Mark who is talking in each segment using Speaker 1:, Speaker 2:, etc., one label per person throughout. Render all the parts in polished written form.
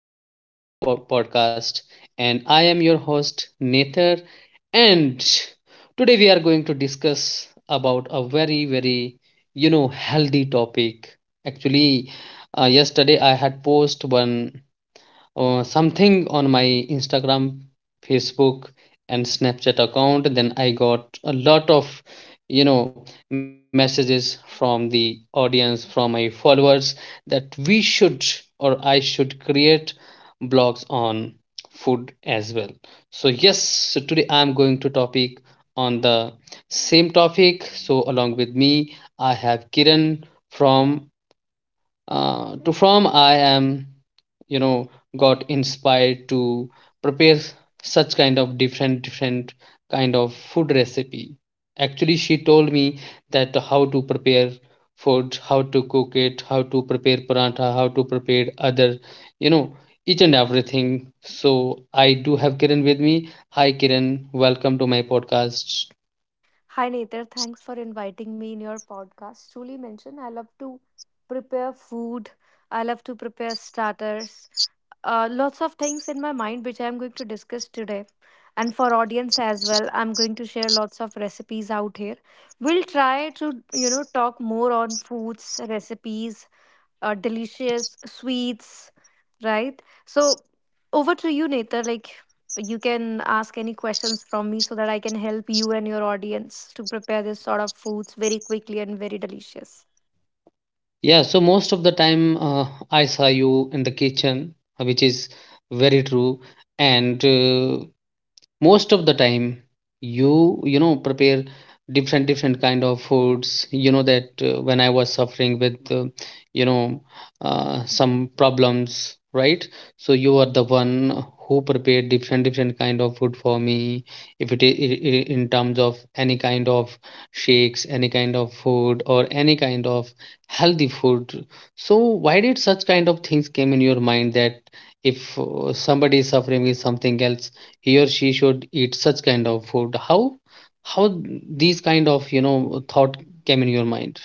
Speaker 1: and welcome to my podcast. And I am your host, Nether. And today we are going to discuss about a very, very, healthy topic. Actually, yesterday I had posted one something on my Instagram, Facebook, and Snapchat account. Then I got a lot of, you know, messages from the audience, from my followers, that we should or I should create blogs on food as well. So yes, so today I'm going to topic on the same topic. So along with me, I have Kiran from to from I am you know got inspired to prepare such kind of different different kind of food recipe. Actually, she told me that how to prepare food, how to cook it, how to prepare paratha, how to prepare other, you know each and everything. So I do have Kiran with me. Hi Kiran, welcome to my podcast.
Speaker 2: Hi Nether, thanks for inviting me in your podcast. Truly mentioned, I love to prepare food. I love to prepare starters. Lots of things in my mind which I'm going to discuss today. And for audience as well, I'm going to share lots of recipes out here. We'll try to, you know, talk more on foods, recipes, delicious sweets, right? So over to you, Nether. Like you can ask any questions from me so that I can help you and your audience to prepare this sort of foods very quickly and very delicious.
Speaker 1: Yeah, so most of the time I saw you in the kitchen, which is very true. And most of the time you you know prepare different different kind of foods, you know that when I was suffering with you know some problems, right? So you are the one who prepared different different kind of food for me, if it is in terms of any kind of shakes, any kind of food, or any kind of healthy food. So why did such kind of things came in your mind that if somebody is suffering with something else, he or she should eat such kind of food? How these kind of, you know, thought came in your mind?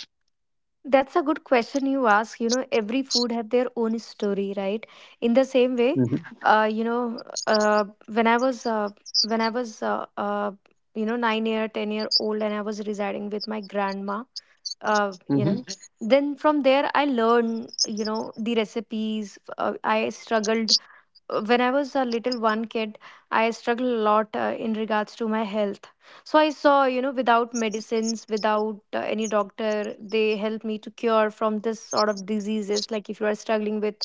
Speaker 2: That's a good question you ask. You know, every food have their own story, right? In the same way,
Speaker 1: Mm-hmm.
Speaker 2: when I was when I was uh, uh, you know 9 year, 10 year old, and I was residing with my grandma, uh, you
Speaker 1: Mm-hmm.
Speaker 2: know then from there I learned, you know, the recipes. I struggled when I was a little one kid. I struggled a lot in regards to my health. So I saw, you know, without medicines, without any doctor, they helped me to cure from this sort of diseases. Like, if you are struggling with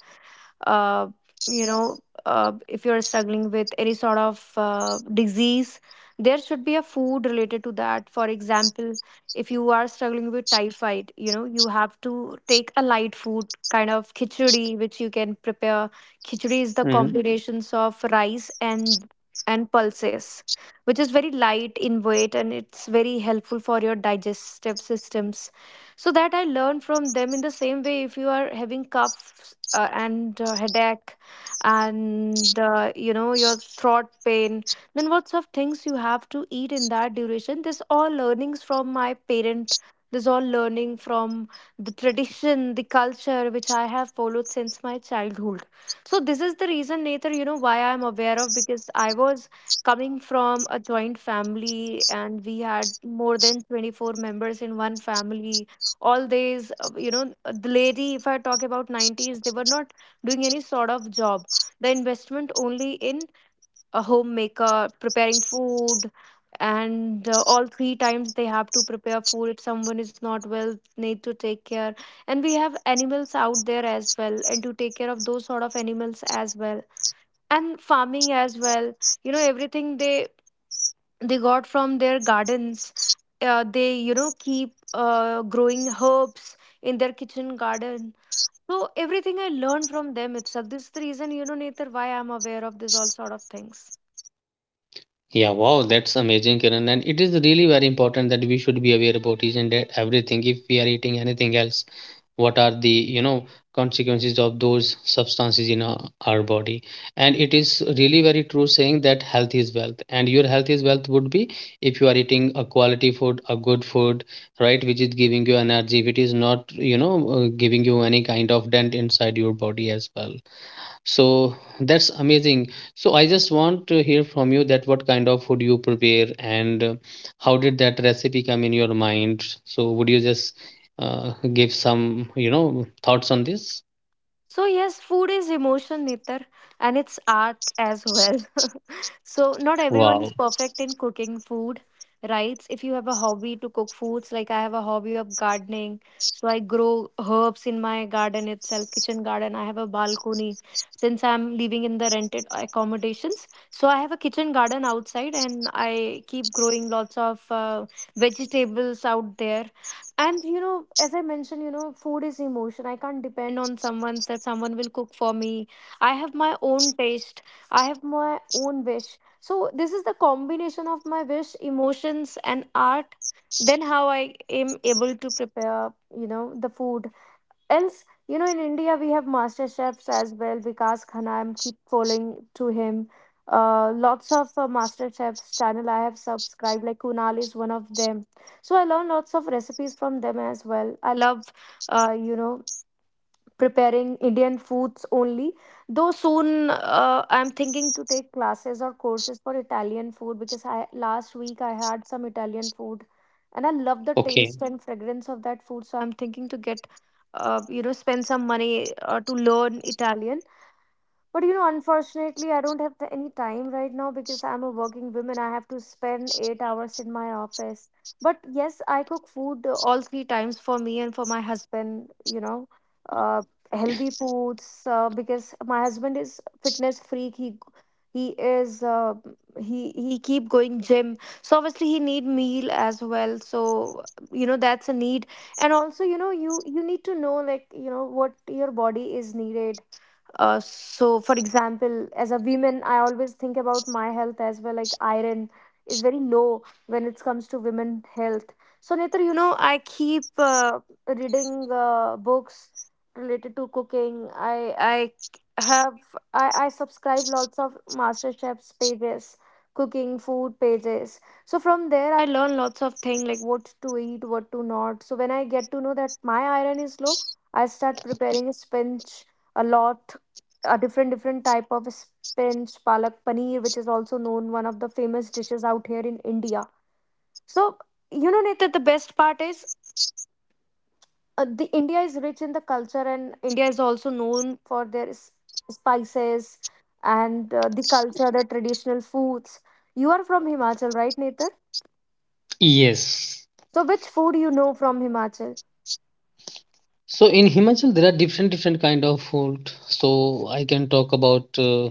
Speaker 2: uh, you know if you're struggling with any sort of disease, there should be a food related to that. For example, if you are struggling with typhoid, you know, you have to take a light food kind of khichdi which you can prepare. Khichdi is the combinations of rice and pulses, which is very light in weight and it's very helpful for your digestive systems. So that I learn from them. In the same way, if you are having coughs and headache and, you know, your throat pain, then what sort of things you have to eat in that duration. This all learnings from my parent, this all learning from the tradition, the culture which I have followed since my childhood. So this is the reason, Nathan, you know, why I am aware of, because I was coming from a joint family and we had more than 24 members in one family. All these, the lady, if I talk about 90s, they were not doing any sort of job. The investment only in a homemaker preparing food. And all three times they have to prepare food. If someone is not well, need to take care. And we have animals out there as well, and to take care of those sort of animals as well, and farming as well. You know, everything they got from their gardens. They, you know, keep growing herbs in their kitchen garden. So everything I learned from them itself. This is the reason, you know, Nether, why I'm aware of this all sort of things.
Speaker 1: Yeah, wow, that's amazing, Kiran. And it is really very important that we should be aware about each and everything. If we are eating anything else, what are the, you know, consequences of those substances in our body? And it is really very true saying that health is wealth, and your health is wealth would be if you are eating a quality food, a good food, right, which is giving you energy, which is not, you know, giving you any kind of dent inside your body as well. So that's amazing. So I just want to hear from you that what kind of food you prepare and how did that recipe come in your mind? So would you just give some, you know, thoughts on this?
Speaker 2: So yes, food is emotion, Nitar, and it's art as well. So not everyone is
Speaker 1: Wow.
Speaker 2: perfect in cooking food, right? If you have a hobby to cook foods, like I have a hobby of gardening, so I grow herbs in my garden itself, kitchen garden. I have a balcony. Since I'm living in the rented accommodations, so I have a kitchen garden outside, and I keep growing lots of vegetables out there. And you know, as I mentioned, you know, food is emotion. I can't depend on someone that someone will cook for me. I have my own taste. I have my own wish. So this is the combination of my wish, emotions, and art. Then how I am able to prepare, you know, the food. Else, you know, in India we have master chefs as well. Vikas Khanna, I'm keep following to him. Lots of master chefs channel I have subscribed. Like Kunal is one of them. So I learn lots of recipes from them as well. I love, uh, you know preparing Indian foods only. Though soon I'm thinking to take classes or courses for Italian food, because I last week I had some Italian food and I love the
Speaker 1: Okay.
Speaker 2: taste and fragrance of that food. So I'm thinking to get, spend some money to learn Italian. But you know, unfortunately, I don't have the, any time right now because I'm a working woman. I have to spend 8 hours in my office. But yes, I cook food all three times for me and for my husband, you know, uh, healthy foods because my husband is fitness freak. He is he keep going gym. So obviously he need meal as well. So, you know, that's a need. And also, you know, you need to know, like, you know, what your body is needed. So, for example, as a woman, I always think about my health as well. Like, iron is very low when it comes to women health. So, neither, you know, I keep reading books related to cooking. I subscribe lots of master chefs pages, cooking food pages. So from there I learn lots of things, like what to eat, what to not. So when I get to know that my iron is low, I start preparing spinach a lot, a different different type of spinach. Palak paneer, which is also known one of the famous dishes out here in India. So, you know, Nathan, the best part is, the India is rich in the culture, and India is also known for their spices and the culture, the traditional foods. You are from Himachal, right, Nathan?
Speaker 1: Yes.
Speaker 2: So which food, you know, from Himachal.
Speaker 1: So in Himachal there are different different kind of food. So I can talk about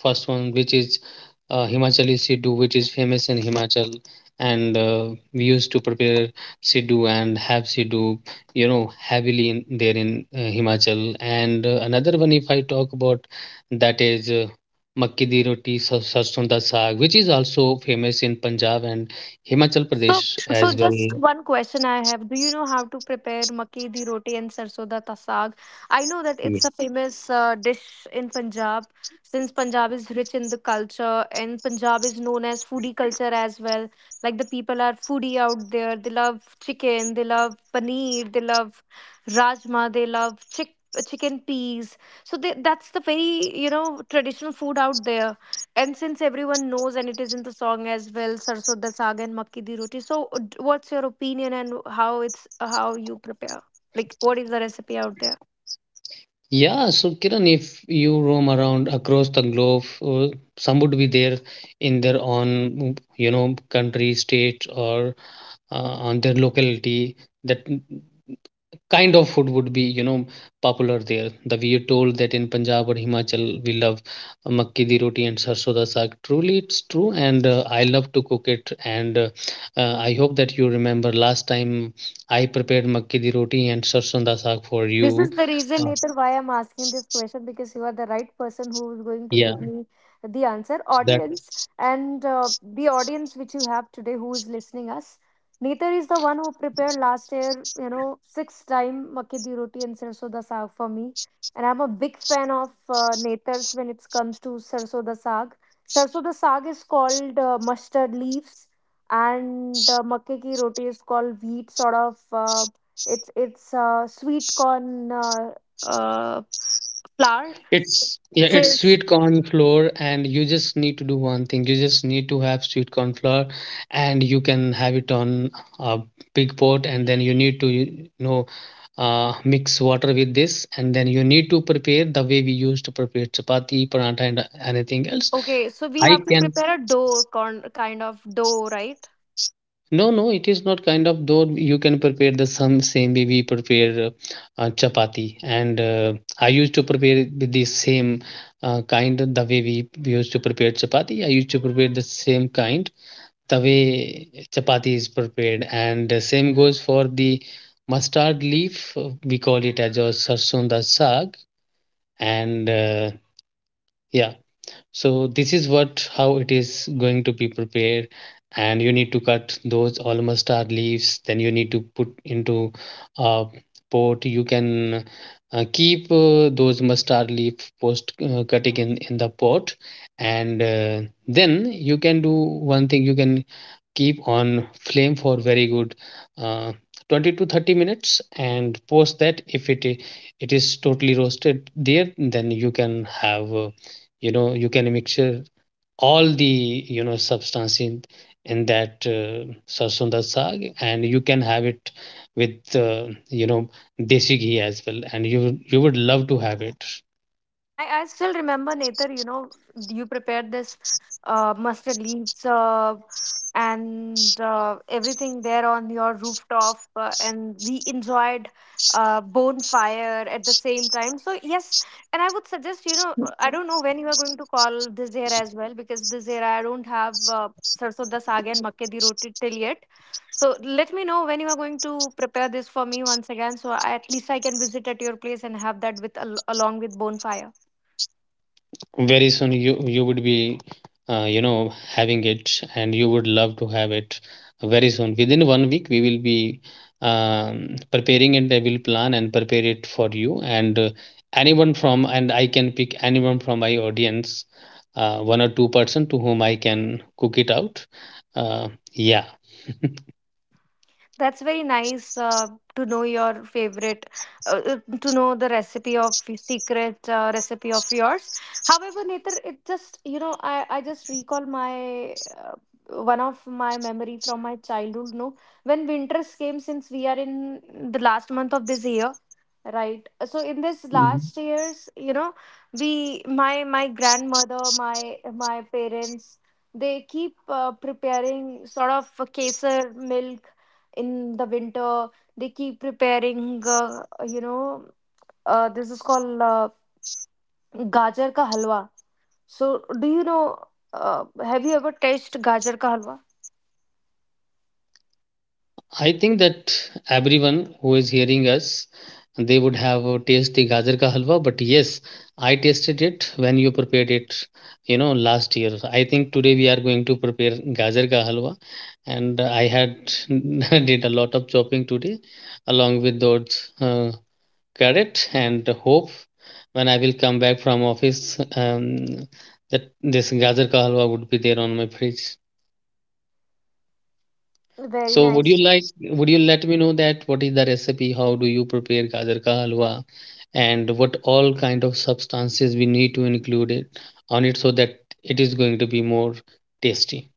Speaker 1: first one which is Himachali Siddu which is famous in Himachal, and we used to prepare Siddu and have Siddu, you know, heavily in, there in Himachal. And another one if I talk about, that is Makki di roti sarson da saag which is also famous in Punjab and Himachal
Speaker 2: So,
Speaker 1: Pradesh
Speaker 2: so
Speaker 1: as well.
Speaker 2: just one question I have. Do you know how to prepare makki di roti and sarson da ta saag? I know that it's a famous dish in Punjab, since Punjab is rich in the culture and Punjab is known as foodie culture as well. Like, the people are foodie out there. They love chicken, they love paneer, they love rajma, they love chicken peas. So they, that's the very, you know, traditional food out there. And since everyone knows, and it is in the song as well, Sarso Da Saag and Makki Di Roti. So, what's your opinion and how it's how you prepare? Like, what is the recipe out there?
Speaker 1: Yeah, so Kiran, if you roam around across the globe, some would be there in their own, you know, country, state, or on their locality. That kind of food would be, you know, popular there. The we are told that in Punjab or Himachal, we love makki di roti and sarson da saag. Truly, it's true, and I love to cook it. And I hope that you remember last time I prepared makki di roti and sarson da saag for you.
Speaker 2: This is the reason,
Speaker 1: Uh,
Speaker 2: Netar, why I'm asking this question, because you are the right person who is going to
Speaker 1: yeah,
Speaker 2: give me the answer.
Speaker 1: that
Speaker 2: Audience and, the audience which you have today who is listening us. Netar is the one who prepared last year, you know, 6 time makke di roti and sarso da saag for me. And I'm a big fan of Netar's when it comes to sarso da saag. Sarso da saag is called mustard leaves, and makke ki roti is called wheat sort of it's sweet corn uh, flour.
Speaker 1: It's yeah, it's
Speaker 2: Says
Speaker 1: sweet corn flour, and you just need to do one thing. You just need to have sweet corn flour, and you can have it on a big pot, and then you need to know mix water with this, and then you need to prepare the way we used to prepare chapati, paratha, and anything else.
Speaker 2: okay, so we
Speaker 1: I
Speaker 2: have to
Speaker 1: can
Speaker 2: prepare a dough, corn kind of dough, right?
Speaker 1: No, no, it is not kind of though. You can prepare the some same way we prepare chapati, and I used to prepare it with the same kind of the way we used to prepare chapati. I used to prepare the same kind the way chapati is prepared, and the same goes for the mustard leaf. We call it as a sarson da saag, and yeah so this is what how it is going to be prepared. And you need to cut those almost mustard leaves, then you need to put into a pot. You can keep those mustard leaf post cutting in the pot. And then you can do one thing. You can keep on flame for very good uh, 20 to 30 minutes. And post that, if it is totally roasted there, then you can have you know, you can mixture all the, you know, substance in that sarson da saag, and you can have it with you know, desi ghee as well, and you would love to have it.
Speaker 2: I still remember, Nether, you know, you prepared this mustard leaves and everything there on your rooftop, and we enjoyed bonfire at the same time. So, yes, and I would suggest, you know, I don't know when you are going to call this year as well, because this year I don't have sarson da saag and makke di roti till yet. So, let me know when you are going to prepare this for me once again, so I, at least I can visit at your place and have that with along with bonfire.
Speaker 1: Very soon you you would be you know, having it, and you would love to have it very soon. Within 1 week we will be preparing it. I will plan and prepare it for you, and anyone from, and I can pick anyone from my audience, one or two person to whom I can cook it out. uh, yeah
Speaker 2: That's very nice, to know your favorite, uh, to know the recipe of your secret recipe of yours. However, Nether, it just, you know, I just recall my one of my memory from my childhood. No, when winters came, since we are in the last month of this year, right? So in this last years, you know, my grandmother, my parents, they keep preparing sort of a kesar milk in the winter. They keep preparing, you know this is called gajar ka halwa. So do you know, uh, have you ever tasted gajar ka halwa?
Speaker 1: I think that everyone who is hearing us, they would have taste the gajar ka halwa. But yes, I tasted it when you prepared it, you know, last year. I think today we are going to prepare gajar ka halwa, and I had did a lot of chopping today, along with those carrot, and hope when I will come back from office, that this gajar ka halwa would be there on my fridge.
Speaker 2: Very
Speaker 1: So would you
Speaker 2: nice.
Speaker 1: like would you let me know that what is the recipe, how do you prepare gajar ka halwa, and what all kind of substances we need to include it on it so that it is going to be more tasty?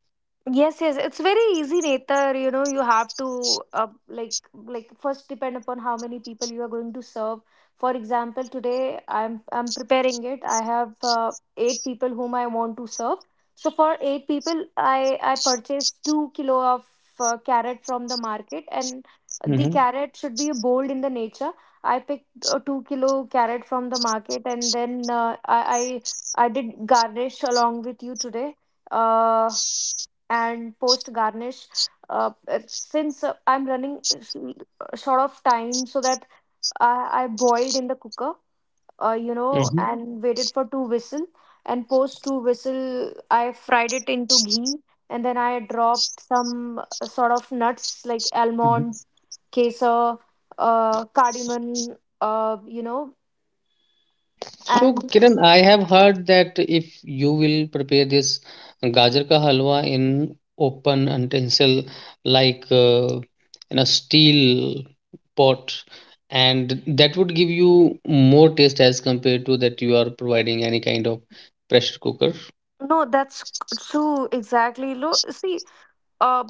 Speaker 2: Yes, yes, it's very easy, Netar. You know, you have to, like first depend upon how many people you are going to serve. For example, today I'm preparing it. I have eight people whom I want to serve. So for eight people, I purchased 2 kilo of carrot from the market, and the
Speaker 1: Mm-hmm.
Speaker 2: carrot should be bold in the nature. I picked a 2 kilo carrot from the market, and then I did garnish along with you today. Uh, and post garnish since I'm running short of time, so that I boiled in the cooker,
Speaker 1: Mm-hmm.
Speaker 2: and waited for two whistle. And post two whistle, I fried it into ghee, and then I dropped some sort of nuts like almond, kesar, cardamom. You know
Speaker 1: So,
Speaker 2: and
Speaker 1: Kiran, I have heard that if you will prepare this gajar ka halwa in open utensil, like in a steel pot, and that would give you more taste as compared to that you are providing any kind of pressure cooker.
Speaker 2: No, that's true exactly. See. Uh,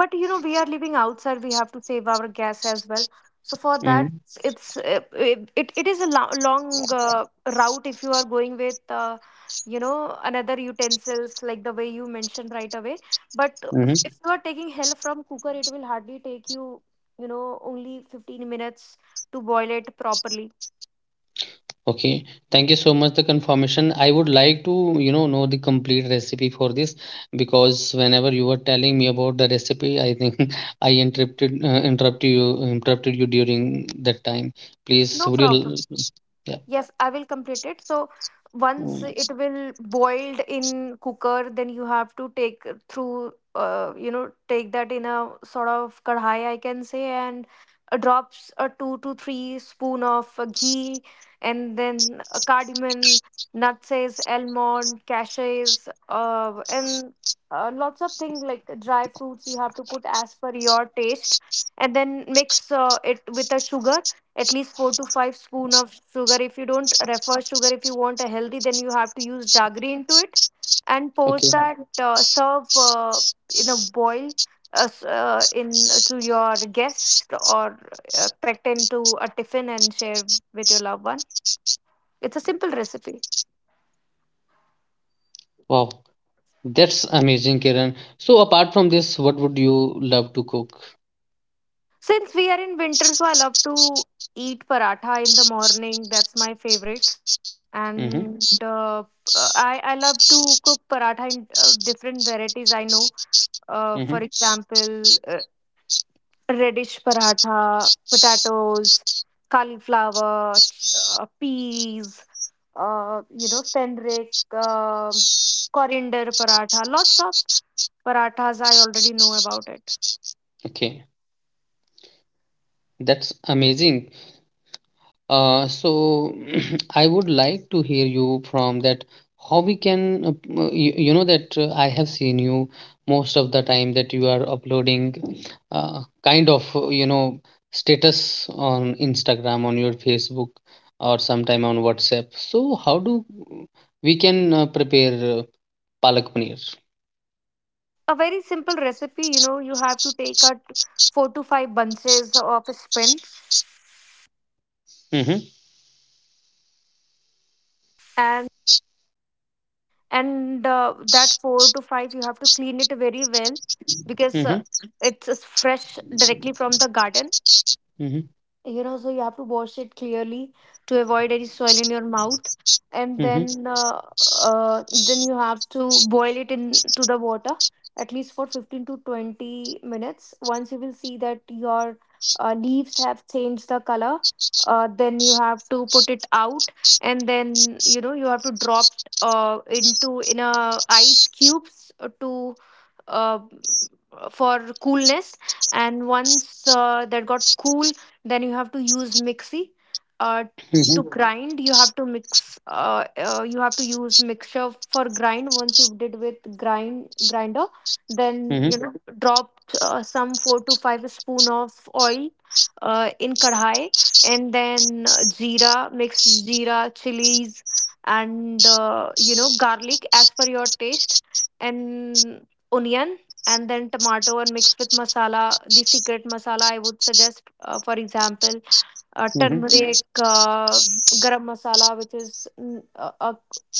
Speaker 2: but you know, we are living outside. We have to save our gas as well. So for that,
Speaker 1: Mm-hmm.
Speaker 2: it's it is a long route if you are going with. You know another utensils like the way you mentioned right away. But if you are taking help from cooker, it will hardly take you, you know, only 15 minutes to boil it properly.
Speaker 1: Okay, thank you so much the confirmation. I would like to, you know the complete recipe for this because whenever you were telling me about the recipe, I think I interrupted interrupted you during that time. Please,
Speaker 2: No
Speaker 1: would you?
Speaker 2: problem.
Speaker 1: Yeah.
Speaker 2: Yes, I will complete it. So once
Speaker 1: Mm,
Speaker 2: it will boiled in cooker, then you have to take take that in a sort of kadhai, I can say, and drops a two to three spoon of ghee, and then cardamom, nutses, almond, cashews, and lots of things like dry fruits you have to put as per your taste, and then mix it with a sugar, at least four to five spoon of sugar. If you don't refer sugar, if you want a healthy, then you have to use jaggery into it. And
Speaker 1: okay.
Speaker 2: post that, serve in a boil s- in to your guest, or pet into a tiffin and share with your loved one. It's a simple recipe.
Speaker 1: Wow, that's amazing, Kiran. So apart from this, what would you love to cook?
Speaker 2: Since we are in winter, so I love to eat paratha in the morning. That's my favorite.
Speaker 1: Mm-hmm.
Speaker 2: And uh, I love to cook paratha in different varieties I know. For
Speaker 1: Mm-hmm.
Speaker 2: example, reddish paratha, potatoes, cauliflower, peas, fenric, coriander paratha. Lots of parathas I already know about it.
Speaker 1: Okay, that's amazing. So I would like to hear you from that how we can you, you know that I have seen you most of the time that you are uploading kind of you know, status on Instagram, on your Facebook, or sometime on WhatsApp. So how do we can prepare palak paneer?
Speaker 2: A very simple recipe. You know, you have to take out four to five bunches of spinach,
Speaker 1: Mm-hmm,
Speaker 2: and that four to five you have to clean it very well, because
Speaker 1: mm-hmm,
Speaker 2: it's fresh directly from the garden,
Speaker 1: mm-hmm,
Speaker 2: you know. So you have to wash it clearly to avoid any soil in your mouth, and
Speaker 1: mm-hmm,
Speaker 2: then you have to boil it into the water at least for 15 to 20 minutes. Once you will see that your leaves have changed the color, then you have to put it out, and then, you know, you have to drop into in a ice cubes to uh, for coolness. And once that got cool, then you have to use mixie. Uh, to
Speaker 1: mm-hmm,
Speaker 2: Mhm. grind, you have to mix. You have to use mixture for grind. Once you did with grinder, then, you
Speaker 1: mm-hmm,
Speaker 2: know, Mhm. drop some four to five spoon of oil in kadhai, and then jeera, mixed jeera, chilies, and, you know, garlic as per your taste, and onion, and then tomato, and mixed with masala. The secret masala, I would suggest, for example,
Speaker 1: mm-hmm.
Speaker 2: turmeric, garam masala, which is mm, uh, uh,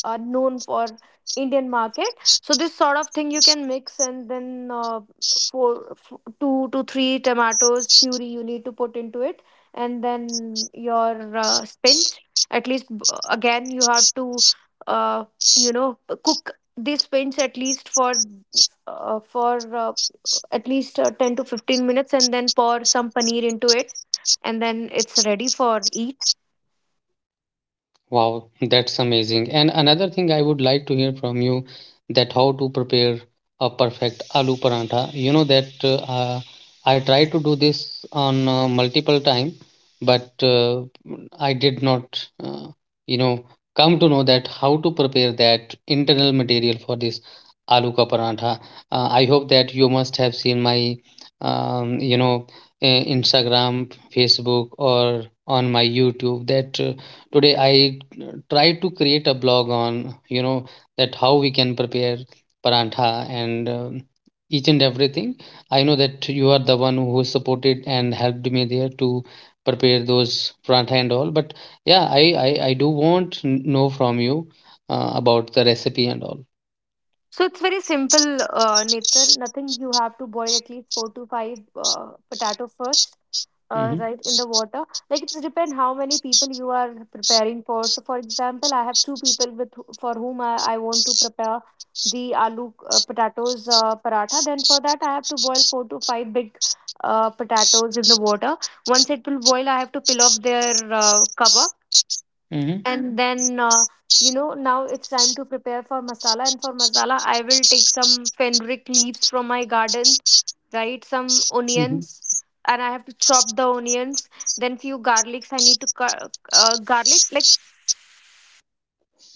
Speaker 2: uh, known for Indian market. So this sort of thing you can mix, and then two to three tomatoes puree you need to put into it, and then your spinach. At least again you have to uh, you know cook this spinach at least for at least 10 to 15 minutes, and then pour some paneer into it, and then it's ready for eat.
Speaker 1: Wow, that's amazing. And another thing I would like to hear from you, that how to prepare a perfect aloo parantha. You know that I tried to do this on multiple time, but I did not, you know, come to know that how to prepare that internal material for this aloo ka parantha. I hope that you must have seen my, you know, Instagram, Facebook, or on my YouTube that. Today I try to create a blog on, you know, that how we can prepare parantha, and each and everything. I know that you are the one who supported and helped me there to prepare those parantha and all. But yeah, I do want know from you about the recipe and all.
Speaker 2: So it's very simple, Netar. Nothing. You have to boil at least four to five potato first,
Speaker 1: Hmm.
Speaker 2: right in the water. Like, it's depend how many people you are preparing for. So for example, I have two people with for whom I want to prepare the aloo potatoes paratha. Then for that, I have to boil four to five big potatoes in the water. Once it will boil, I have to peel off their cover,
Speaker 1: Hmm.
Speaker 2: and then now it's time to prepare for masala. And for masala, I will take some fenugreek leaves from my garden, right, some
Speaker 1: Hmm.
Speaker 2: onions, and I have to chop the onions. Then few garlics I need to cut garlic, like,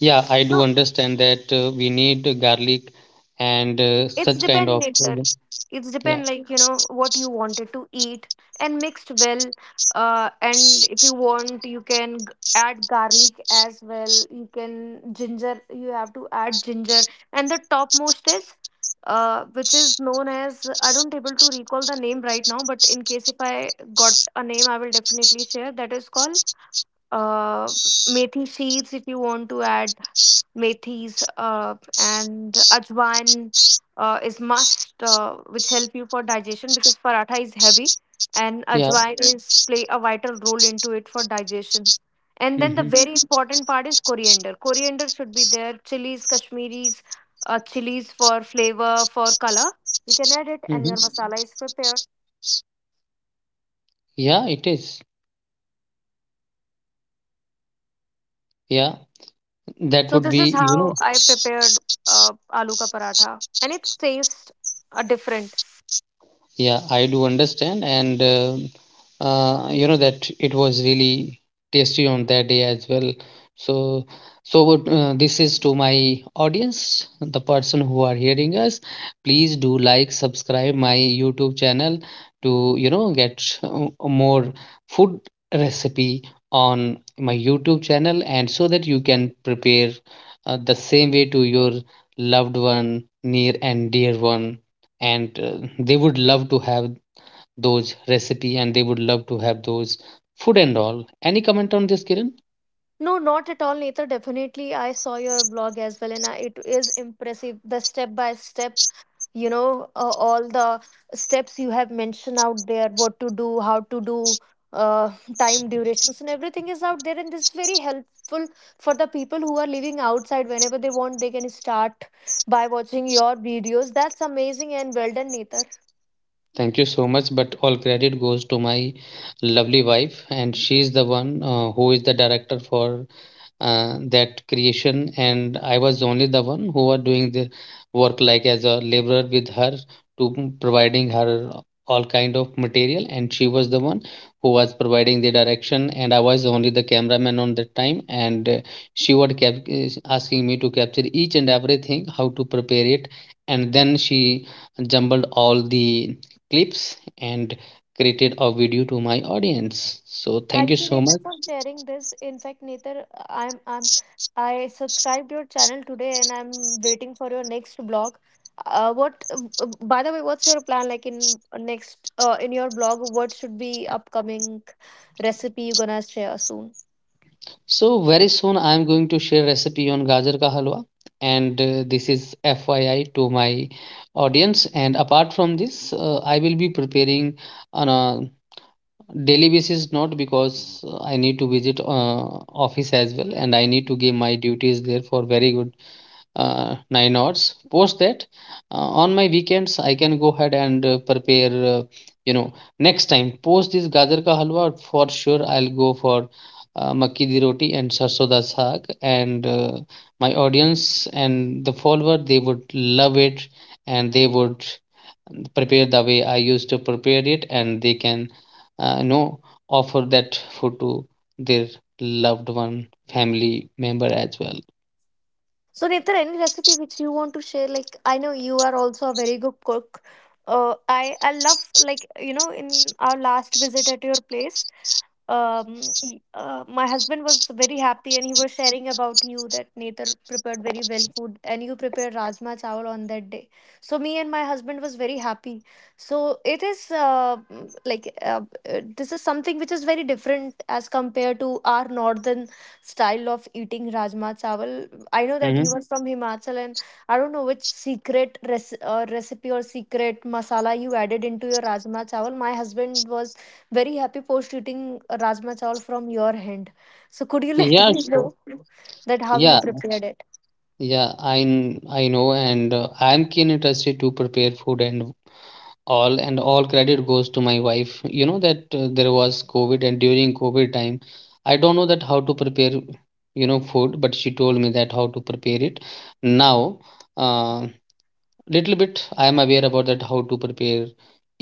Speaker 1: Yeah, I do understand that we need garlic and
Speaker 2: it's
Speaker 1: such kind
Speaker 2: depend
Speaker 1: of,
Speaker 2: later. It's
Speaker 1: yeah.
Speaker 2: depend, like, you know what you wanted to eat, and mixed well. And if you want, you can add garlic as well. You can ginger. You have to add ginger. And the topmost is, which is known as, I don't able to recall the name right now. But in case if I got a name, I will definitely share. That is called uh methi seeds, if you want to add. Methis and ajwain is must, which help you for digestion, because paratha is heavy, and
Speaker 1: Yeah.
Speaker 2: ajwain Yeah. is play a vital role into it for digestion. And then the
Speaker 1: Hmm.
Speaker 2: very Mhm. important part is coriander. Coriander should be there. Chilies, Kashmiris, chilies, for flavor, for color. You can add it,
Speaker 1: Hmm.
Speaker 2: and your Mhm. masala is prepared.
Speaker 1: Yeah, it is. Yeah, that
Speaker 2: So
Speaker 1: would
Speaker 2: this is
Speaker 1: be, you know,
Speaker 2: how I prepared uh, aloo ka paratha, and it tastes different.
Speaker 1: yeah, I do understand, and you know that it was really tasty on that day as well. So, so what, this is to my audience, the person who are hearing us. Please do like, subscribe my YouTube channel to, you know, get more food recipe on my YouTube channel, and so that you can prepare the same way to your loved one, near and dear one, and they would love to have those recipe, and they would love to have those food and all. Any comment on this, Kiran?
Speaker 2: No, not at all, Netar. Definitely, I saw your blog as well, and I, it is impressive. The step by step, you know, all the steps you have mentioned out there, what to do, how to do, uh, time durations, and everything is out there. And this is very helpful for the people who are living outside. Whenever they want, they can start by watching your videos. That's amazing, and well done, Netar.
Speaker 1: Thank you so much, but all credit goes to my lovely wife, and she's the one who is the director for that creation. And I was only the one who are doing the work, like as a laborer with her to providing her all kind of material, and she was the one who was providing the direction, and I was only the cameraman on that time, and she would kept asking me to capture each and everything, how to prepare it, and then she jumbled all the clips and created a video to my audience. So thank you
Speaker 2: Thank you,
Speaker 1: so
Speaker 2: Netar,
Speaker 1: much.
Speaker 2: for sharing this. In fact, Netar, I subscribed your channel today, and I'm waiting for your next blog. What? By the way, what's your plan, like, in next in your blog? What should be upcoming recipe you gonna share soon?
Speaker 1: So very soon I am going to share recipe on gajar ka halwa, and this is FYI to my audience. And apart from this, I will be preparing on a daily basis, not because I need to visit office as well, and I need to give my duties there for very good 9 hours. Post that, uh, on my weekends, I can go ahead and prepare. You know, next time post this gajar ka halwa, for sure I'll go for makki di roti and sarso da saag, and my audience and the follower they would love it, and they would prepare the way I used to prepare it, and they can uh, you know offer that food to their loved one, family member as well.
Speaker 2: So, Netar, any recipe which you want to share? Like, I know you are also a very good cook. I love, like, you know, in our last visit at your place, my husband was very happy, and he was sharing about you that Netar prepared very well food, and you prepared rajma chawal on that day. So me and my husband was very happy. So it is this is something which is very different as compared to our northern style of eating rajma chawal. I know that
Speaker 1: Hmm.
Speaker 2: you are from Himachal, and I don't know which secret recipe or secret masala you added into your rajma chawal. My husband was very happy post eating rajma chawal from your hand. So could you let
Speaker 1: Yeah,
Speaker 2: me
Speaker 1: sure.
Speaker 2: know that how you
Speaker 1: Yeah,
Speaker 2: prepared it?
Speaker 1: yeah, I know, and I'm keen interested to prepare food and all credit goes to my wife. You know that there was COVID, and during COVID time, I don't know that how to prepare, food, but she told me that how to prepare it. Now, uh, little bit I am aware about that how to prepare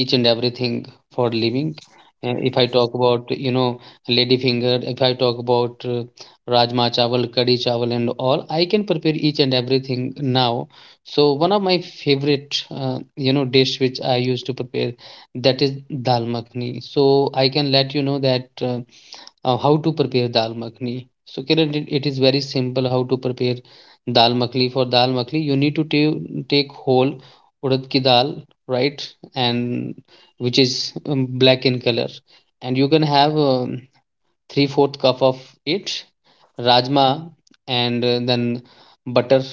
Speaker 1: each and everything for living. If I talk about, lady finger, if I talk about rajma chawal, kadhi chawal and all, I can prepare each and everything now. So one of my favorite, dish which I used to prepare, that is dal makhni. So I can let you know that how to prepare dal makhni. So Kiran, it is very simple how to prepare dal makhni. For dal makhni you need to take whole urad ki dal, right? And which is black in color, and you can have three fourth cup of it. Rajma, and then butter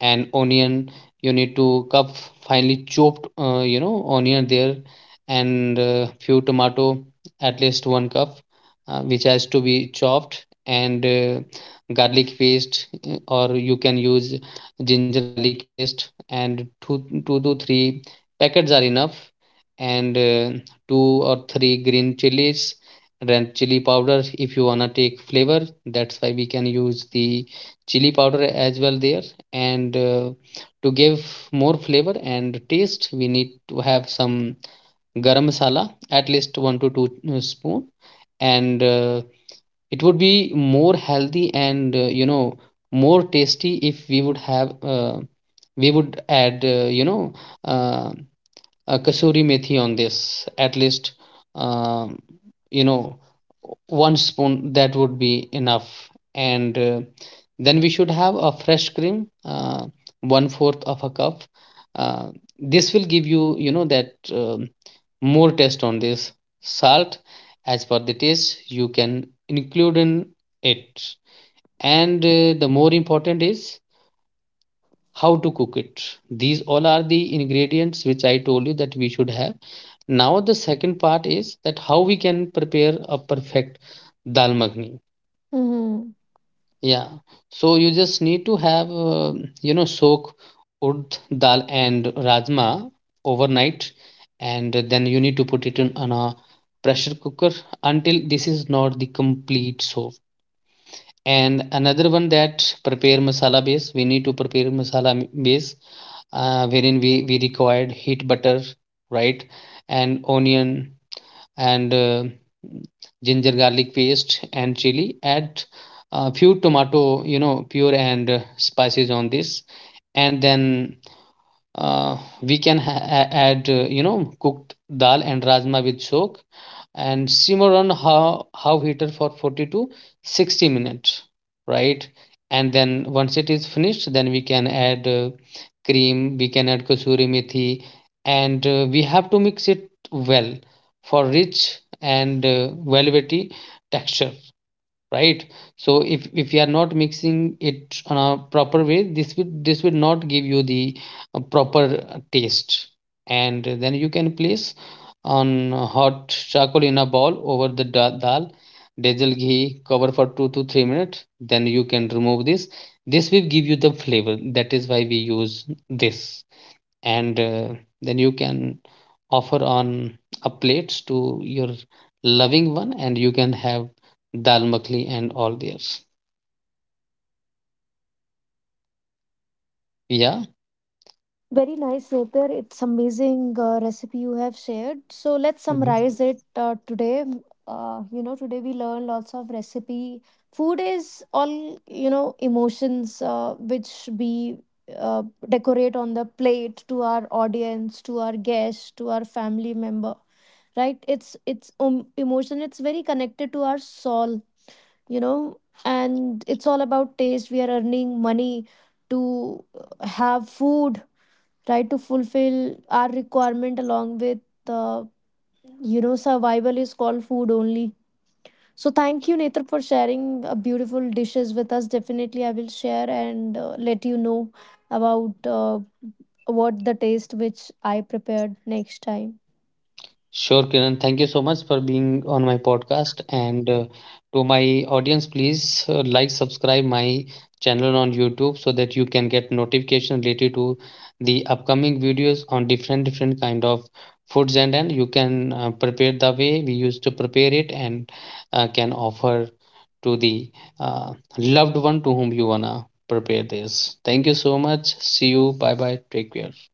Speaker 1: and onion. You need to cup finely chopped, onion there, and few tomato, at least one cup, which has to be chopped. And garlic paste, or you can use ginger garlic paste, and two to three packets are enough. And two or three green chilies, red chili powder if you wanna take flavor, that's why we can use the chili powder as well there. And to give more flavor and taste we need to have some garam masala, at least 1 to 2 spoon. And it would be more healthy and more tasty if we would add, uh, kasuri methi on this, at least um, you know one spoon, that would be enough. And then we should have a fresh cream, uh, one fourth of a cup. uh, this will give you you know that um, more taste on this. Salt as per the taste you can include in it. And the more important is how to cook it. These all are the ingredients which I told you that we should have. Now the second part is that how we can prepare a perfect dal makhani.
Speaker 2: Hmm.
Speaker 1: Yeah. So you just need to have, soak urd dal and rajma overnight, and then you need to put it in on a pressure cooker until this is not the complete soak. And another one, that prepare masala base. We need to prepare masala base, wherein we required heat butter, right, and onion and ginger garlic paste and chili. Add a few tomato, you know, pure and spices on this, and then uh, we can add, cooked dal and rajma with sok, and simmer on how heater for 40 to 60 minutes, right? And then once it is finished, then we can add cream, we can add kasuri methi, and we have to mix it well for rich and velvety texture, right? So if you are not mixing it on a proper way, this will, this will not give you the proper taste. And then you can place on hot charcoal in a bowl over the dal, diesel ghee, cover for 2 to 3 minutes, then you can remove this. This will give you the flavor, that is why we use this. And then you can offer on a plates to your loving one, and you can have dal makhani and all theirs. Yeah.
Speaker 2: Very nice, Napier. It's amazing recipe you have shared. So let's summarize it today. You know, today we learned lots of recipe. Food is all, you know, emotions, which we uh, decorate on the plate to our audience, to our guests, to our family member. Right? It's emotion. It's very connected to our soul. You know, and it's all about taste. We are earning money to have food, try to fulfill our requirement, along with uh, survival is called food only. So thank you, Netra, for sharing beautiful dishes with us. Definitely I will share, and let you know about what the taste which I prepared next time.
Speaker 1: Sure, Kiran. Thank you so much for being on my podcast. And to my audience, please like, subscribe my channel on YouTube, so that you can get notification related to the upcoming videos on different different kind of foods. And you can prepare the way we used to prepare it, and can offer to the uh, loved one to whom you wanna prepare this. Thank you so much. See you. Bye bye. Take care.